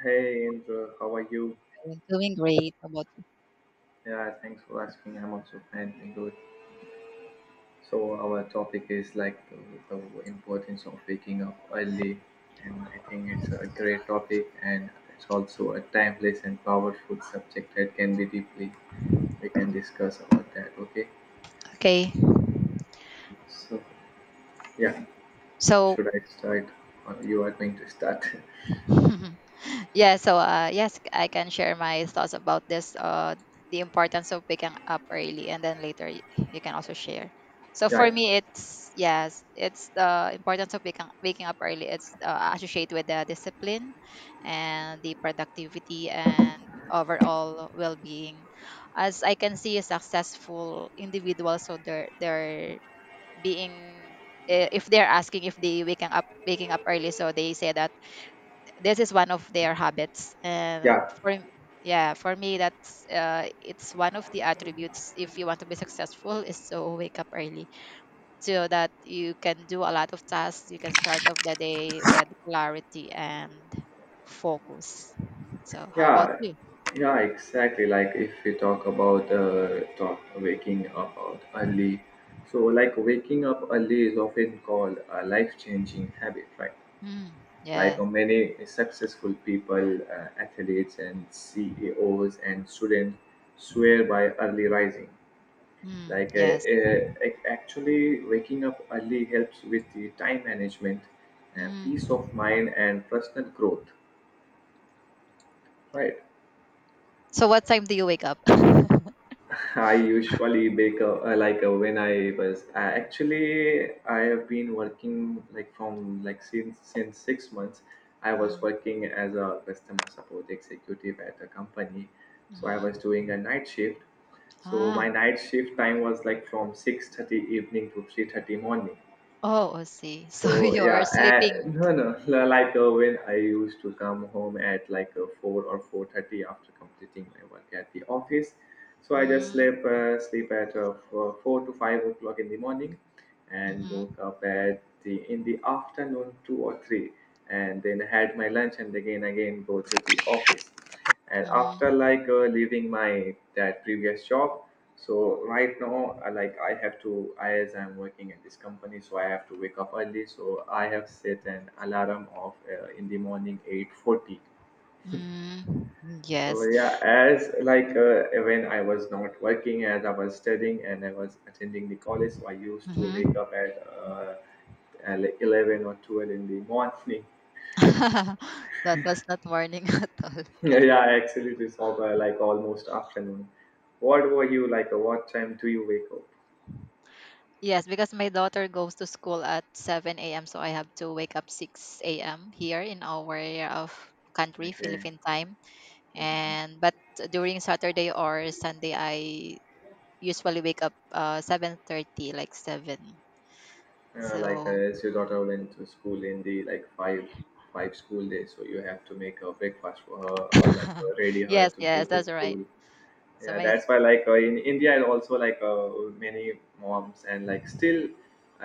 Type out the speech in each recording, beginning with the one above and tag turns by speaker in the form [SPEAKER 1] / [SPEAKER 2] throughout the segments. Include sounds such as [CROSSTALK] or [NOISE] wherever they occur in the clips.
[SPEAKER 1] Hey Indra, how are you?
[SPEAKER 2] We doing great. How about you?
[SPEAKER 1] Yeah, thanks for asking. I'm also fine, thank good. So our topic is like the importance of waking up early, and I think it's a great topic, and it's also a timeless and powerful subject that can be deeply we can discuss about that. Okay.
[SPEAKER 2] Okay.
[SPEAKER 1] So yeah,
[SPEAKER 2] So,
[SPEAKER 1] should I start? Or you are going to start? [LAUGHS]
[SPEAKER 2] [LAUGHS] yeah. So, yes, I can share my thoughts about this. The importance of waking up early, and then later you can also share. So
[SPEAKER 1] Yeah,
[SPEAKER 2] for
[SPEAKER 1] yeah,
[SPEAKER 2] me, it's yes, it's the importance of waking up early. It's associated with the discipline, and the productivity, and overall well-being. As I can see, successful individuals, so their being if they're asking if they waking up early, so they say that this is one of their habits. And
[SPEAKER 1] yeah.
[SPEAKER 2] for yeah, for me, that's it's one of the attributes. If you want to be successful is to wake up early, so that you can do a lot of tasks. You can start off the day with clarity and focus. So how about
[SPEAKER 1] Yeah,
[SPEAKER 2] you?
[SPEAKER 1] yeah, exactly. Like if we talk about talk waking up out early, so like waking up early is often called a life-changing habit, right?
[SPEAKER 2] Mm,
[SPEAKER 1] Like
[SPEAKER 2] yeah.
[SPEAKER 1] many successful people, athletes, and CEOs and students swear by early rising.
[SPEAKER 2] Mm,
[SPEAKER 1] Like uh,
[SPEAKER 2] yes.
[SPEAKER 1] uh, Actually, waking up early helps with the time management, peace of
[SPEAKER 2] Mm.
[SPEAKER 1] mind, and personal growth, right?
[SPEAKER 2] So what time do you wake up?
[SPEAKER 1] I usually bake a, when I was I actually I have been working like from like since 6 months. I
[SPEAKER 2] [LAUGHS]
[SPEAKER 1] was
[SPEAKER 2] um,
[SPEAKER 1] working as a customer support executive at a company, so I was
[SPEAKER 2] mhm.
[SPEAKER 1] doing a night shift. So my
[SPEAKER 2] Ah.
[SPEAKER 1] night shift time was like from 6:30 evening to 3:30 morning.
[SPEAKER 2] Oh, I see. So [LAUGHS]
[SPEAKER 1] So yeah,
[SPEAKER 2] you're sleeping.
[SPEAKER 1] no, no. Like when I used to come home at like 4 or 4:30 after completing my work at the office, so I just
[SPEAKER 2] Mm,
[SPEAKER 1] sleep at 4 to 5 o'clock in the morning, and
[SPEAKER 2] mhm,
[SPEAKER 1] woke up at the in the afternoon two or three, and then had my lunch and again go to the office and after
[SPEAKER 2] mhm,
[SPEAKER 1] like leaving my that previous job, so right now, like, I have to I, as I'm working at this company, so I have to wake up early, so I have set an alarm of in the morning 8:40.
[SPEAKER 2] mm,
[SPEAKER 1] So
[SPEAKER 2] yes.
[SPEAKER 1] yeah, as like when I was not working, as I was studying and I was attending the college, so I used to
[SPEAKER 2] Mhm.
[SPEAKER 1] wake up at like 11 or 12 in the morning.
[SPEAKER 2] [LAUGHS] That was not warning [LAUGHS] at all.
[SPEAKER 1] Yeah, yeah, I absolutely saw by like almost afternoon. What were you like? What time do you wake up?
[SPEAKER 2] Yes, because my daughter goes to school at 7 a.m., so I have to wake up 6 a.m. here in our of country,
[SPEAKER 1] Okay.
[SPEAKER 2] Philippine time.
[SPEAKER 1] Mhm. [LAUGHS]
[SPEAKER 2] And but during Saturday or Sunday, I usually wake up 7:30, like 7. So
[SPEAKER 1] As your daughter went to school in the like five school days, so you have to make a breakfast for her or like
[SPEAKER 2] [LAUGHS]
[SPEAKER 1] ready her
[SPEAKER 2] yes,
[SPEAKER 1] to go
[SPEAKER 2] yes,
[SPEAKER 1] to
[SPEAKER 2] that's right.
[SPEAKER 1] school.
[SPEAKER 2] So
[SPEAKER 1] Yeah,
[SPEAKER 2] my
[SPEAKER 1] that's why like in India, and also like many moms, and like still,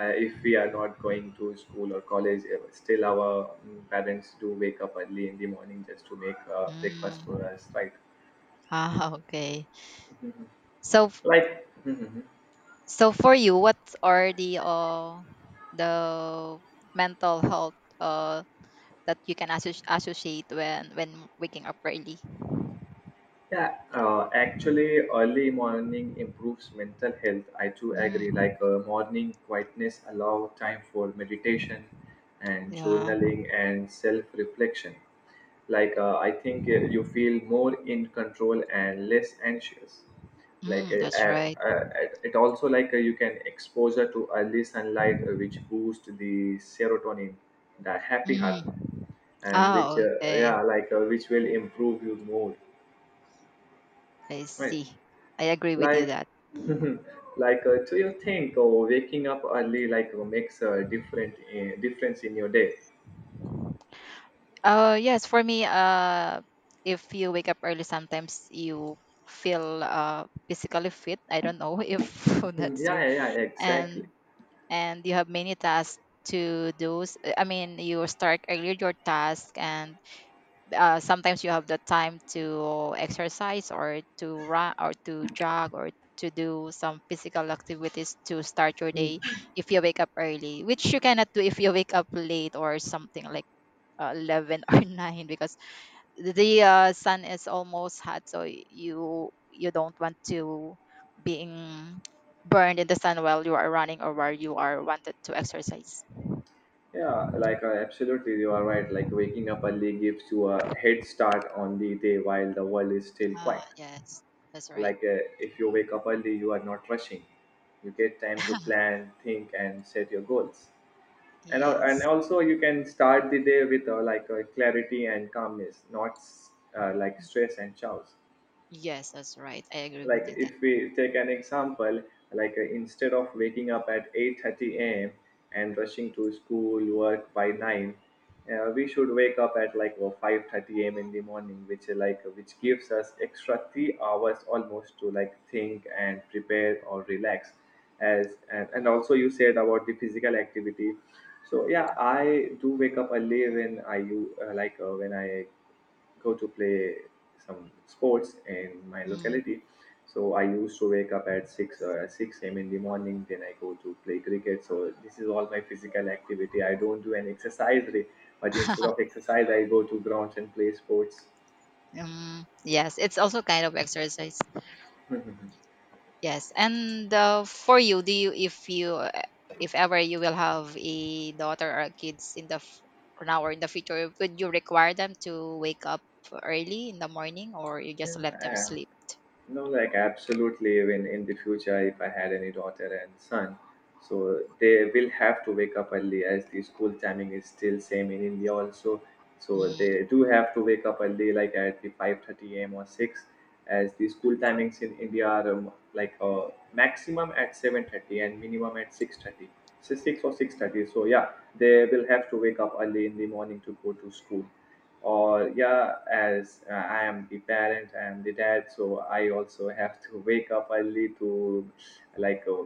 [SPEAKER 1] if we are not going to school or college, still our parents do wake up early in the morning just to make breakfast for
[SPEAKER 2] Mm.
[SPEAKER 1] us, right?
[SPEAKER 2] Ah, [LAUGHS] okay. So,
[SPEAKER 1] Like, mhm.
[SPEAKER 2] so for you, what are the mental health that you can associate when waking up early?
[SPEAKER 1] Yeah,
[SPEAKER 2] Y-
[SPEAKER 1] actually, early morning improves mental health. I too agree.
[SPEAKER 2] Mm,
[SPEAKER 1] Like morning quietness allow time for meditation and
[SPEAKER 2] yeah.
[SPEAKER 1] journaling and self-reflection. Like I think you feel more in control and less anxious. Like
[SPEAKER 2] Mm,
[SPEAKER 1] uh,
[SPEAKER 2] that's right.
[SPEAKER 1] uh, uh, it also like you can exposure to early sunlight, which boosts the serotonin, the happy
[SPEAKER 2] Mm.
[SPEAKER 1] hormone, and which
[SPEAKER 2] Oh,
[SPEAKER 1] yeah,
[SPEAKER 2] okay.
[SPEAKER 1] like which will improve your mood.
[SPEAKER 2] I
[SPEAKER 1] Right.
[SPEAKER 2] see. I agree with you
[SPEAKER 1] Like,
[SPEAKER 2] that.
[SPEAKER 1] [LAUGHS] like, do you think, oh, waking up early like makes a different difference in your day? [LAUGHS]
[SPEAKER 2] Yes, for me, if you wake up early, sometimes you feel physically fit. I don't know [LAUGHS] if
[SPEAKER 1] Mhm.
[SPEAKER 2] that's
[SPEAKER 1] Yeah,
[SPEAKER 2] true.
[SPEAKER 1] yeah, yeah, exactly.
[SPEAKER 2] And and you have many tasks to do. I mean, you start earlier your task, and sometimes you have the time to exercise or to run or to jog or to do some physical activities to start your day if you wake up early, which you cannot do if you wake up late or something like 11 or [LAUGHS] 9, because the sun is almost hot, so you don't want to being burned in the sun while you are running or while you are wanted to exercise.
[SPEAKER 1] Yeah, like absolutely, you are right. Like waking up early gives you a head start on the day while the world is still
[SPEAKER 2] Ah,
[SPEAKER 1] quiet.
[SPEAKER 2] yes, that's right.
[SPEAKER 1] Like if you wake up early, you are not rushing. You get time to
[SPEAKER 2] [LAUGHS]
[SPEAKER 1] plan, think, and set your goals. And
[SPEAKER 2] Yes,
[SPEAKER 1] also you can start the day with clarity and calmness, not like stress and chaos.
[SPEAKER 2] yes, that's right. I agree
[SPEAKER 1] Like
[SPEAKER 2] with you that.
[SPEAKER 1] if we take an example, like instead of waking up at 8:30 a.m. and rushing to school work by 9, we should wake up at like 5:30 a.m. in the morning, which like which gives us extra 3 hours almost to like think and prepare or relax. As and also you said about the physical activity, so yeah, I do wake up early when I you like when I go to play some sports in my
[SPEAKER 2] Mm.
[SPEAKER 1] locality. So I used to wake up at six a.m. in the morning. Then I go to play cricket. So this is all my physical activity. I don't do an exercise, day, but instead of
[SPEAKER 2] [LAUGHS]
[SPEAKER 1] exercise, I go to grounds and play sports.
[SPEAKER 2] Yes, it's also kind of exercise.
[SPEAKER 1] Mhm.
[SPEAKER 2] Yes, and for you, do you if ever you will have a daughter or kids in the now or in the future, would you require them to wake up early in the morning, or you just
[SPEAKER 1] Yeah,
[SPEAKER 2] let them sleep?
[SPEAKER 1] no, like absolutely. When in the future, if I had any daughter and son, so they will have to wake up early as the school timing is still same in India also. So
[SPEAKER 2] Mm,
[SPEAKER 1] they do have to wake up early like at the 5:30 a.m or 6, as the school timings in India are like maximum at 7:30 and minimum at 6:30, so 6 or 6:30. So yeah, they will have to wake up early in the morning to go to school. Or yeah, as I am the parent, I am the dad, so I also have to wake up early to like uh,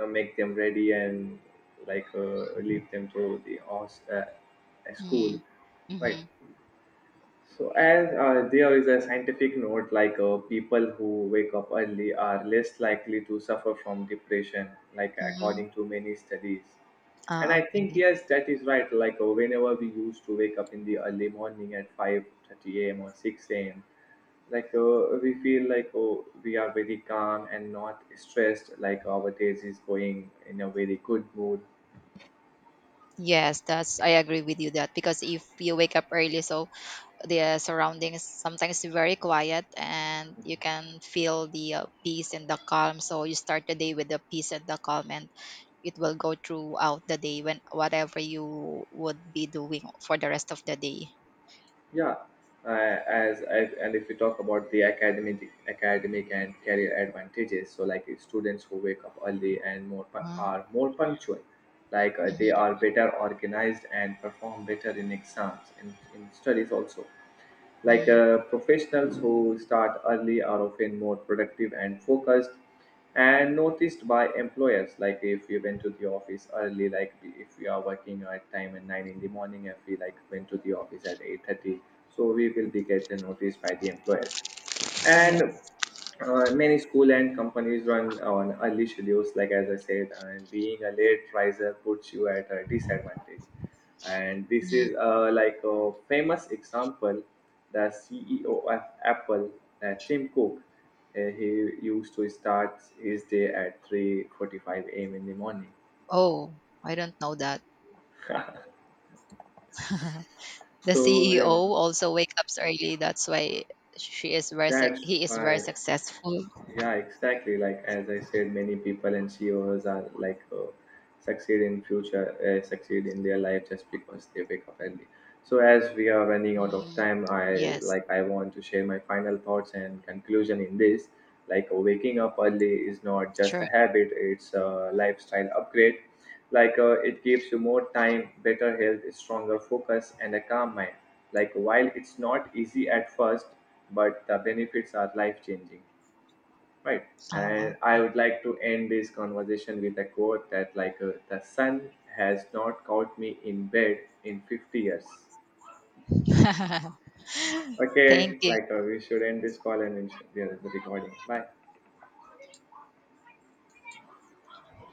[SPEAKER 1] uh, make them ready and like leave them to the school.
[SPEAKER 2] mm,
[SPEAKER 1] Right.
[SPEAKER 2] mm-hmm,
[SPEAKER 1] So, as there is a scientific note, like people who wake up early are less likely to suffer from depression, like
[SPEAKER 2] mm-hmm.
[SPEAKER 1] according to many studies. And
[SPEAKER 2] Ah,
[SPEAKER 1] I think
[SPEAKER 2] okay.
[SPEAKER 1] yes, that is right. Like whenever we used to wake up in the early morning at 5:30 a.m. or 6 a.m., like we feel like, oh, we are very calm and not stressed. Like our days is going in a very good mood.
[SPEAKER 2] Yes, that's I agree with you that, because if you wake up early, so the surrounding is sometimes very quiet and you can feel the peace and the calm, so you start the day with the peace and the calm, and it will go throughout the day when whatever you would be doing for the rest of the day.
[SPEAKER 1] Yeah, and if we talk about the academic and career advantages, so like students who wake up early and
[SPEAKER 2] Huh?
[SPEAKER 1] are more punctual, like they
[SPEAKER 2] Mhm,
[SPEAKER 1] are better organized and perform better in exams, in studies also. Like
[SPEAKER 2] mm,
[SPEAKER 1] professionals who start early are often more productive and focused and noticed by employers. Like if you went to the office early, like if you are working at time at 9 in the morning, if we like went to the office at 8:30, so we will be getting noticed by the employers.
[SPEAKER 2] yes.
[SPEAKER 1] And many school and companies run on early schedules, like as I said, and being a late riser puts you at a disadvantage. And this
[SPEAKER 2] Mhm.
[SPEAKER 1] is, like, a famous example: the CEO of Apple, Tim Cook, he used to start his day at 3:45 a.m. in the morning.
[SPEAKER 2] Oh, I don't know that. [LAUGHS] The
[SPEAKER 1] So
[SPEAKER 2] CEO
[SPEAKER 1] yeah,
[SPEAKER 2] also wakes up early. That's why she is very suc
[SPEAKER 1] that's
[SPEAKER 2] he is very
[SPEAKER 1] why.
[SPEAKER 2] successful.
[SPEAKER 1] Yeah, exactly. Like as I said, many people and CEOs are like succeed in future, succeed in their life just because they wake up early. So as we are running out of
[SPEAKER 2] Mhm.
[SPEAKER 1] time, I,
[SPEAKER 2] Yes.
[SPEAKER 1] like, I want to share my final thoughts and conclusion in this. Like waking up early is not just a
[SPEAKER 2] Sure.
[SPEAKER 1] habit; it's a lifestyle upgrade. Like it gives you more time, better health, stronger focus, and a calm mind. Like while it's not easy at first, but the benefits are life changing. Right.
[SPEAKER 2] Oh,
[SPEAKER 1] And I
[SPEAKER 2] okay.
[SPEAKER 1] would like to end this conversation with a quote that, like, the sun has not caught me in bed in 50 years.
[SPEAKER 2] [LAUGHS] Thank
[SPEAKER 1] Okay,
[SPEAKER 2] you.
[SPEAKER 1] like, we should end this call and we are recording. Bye.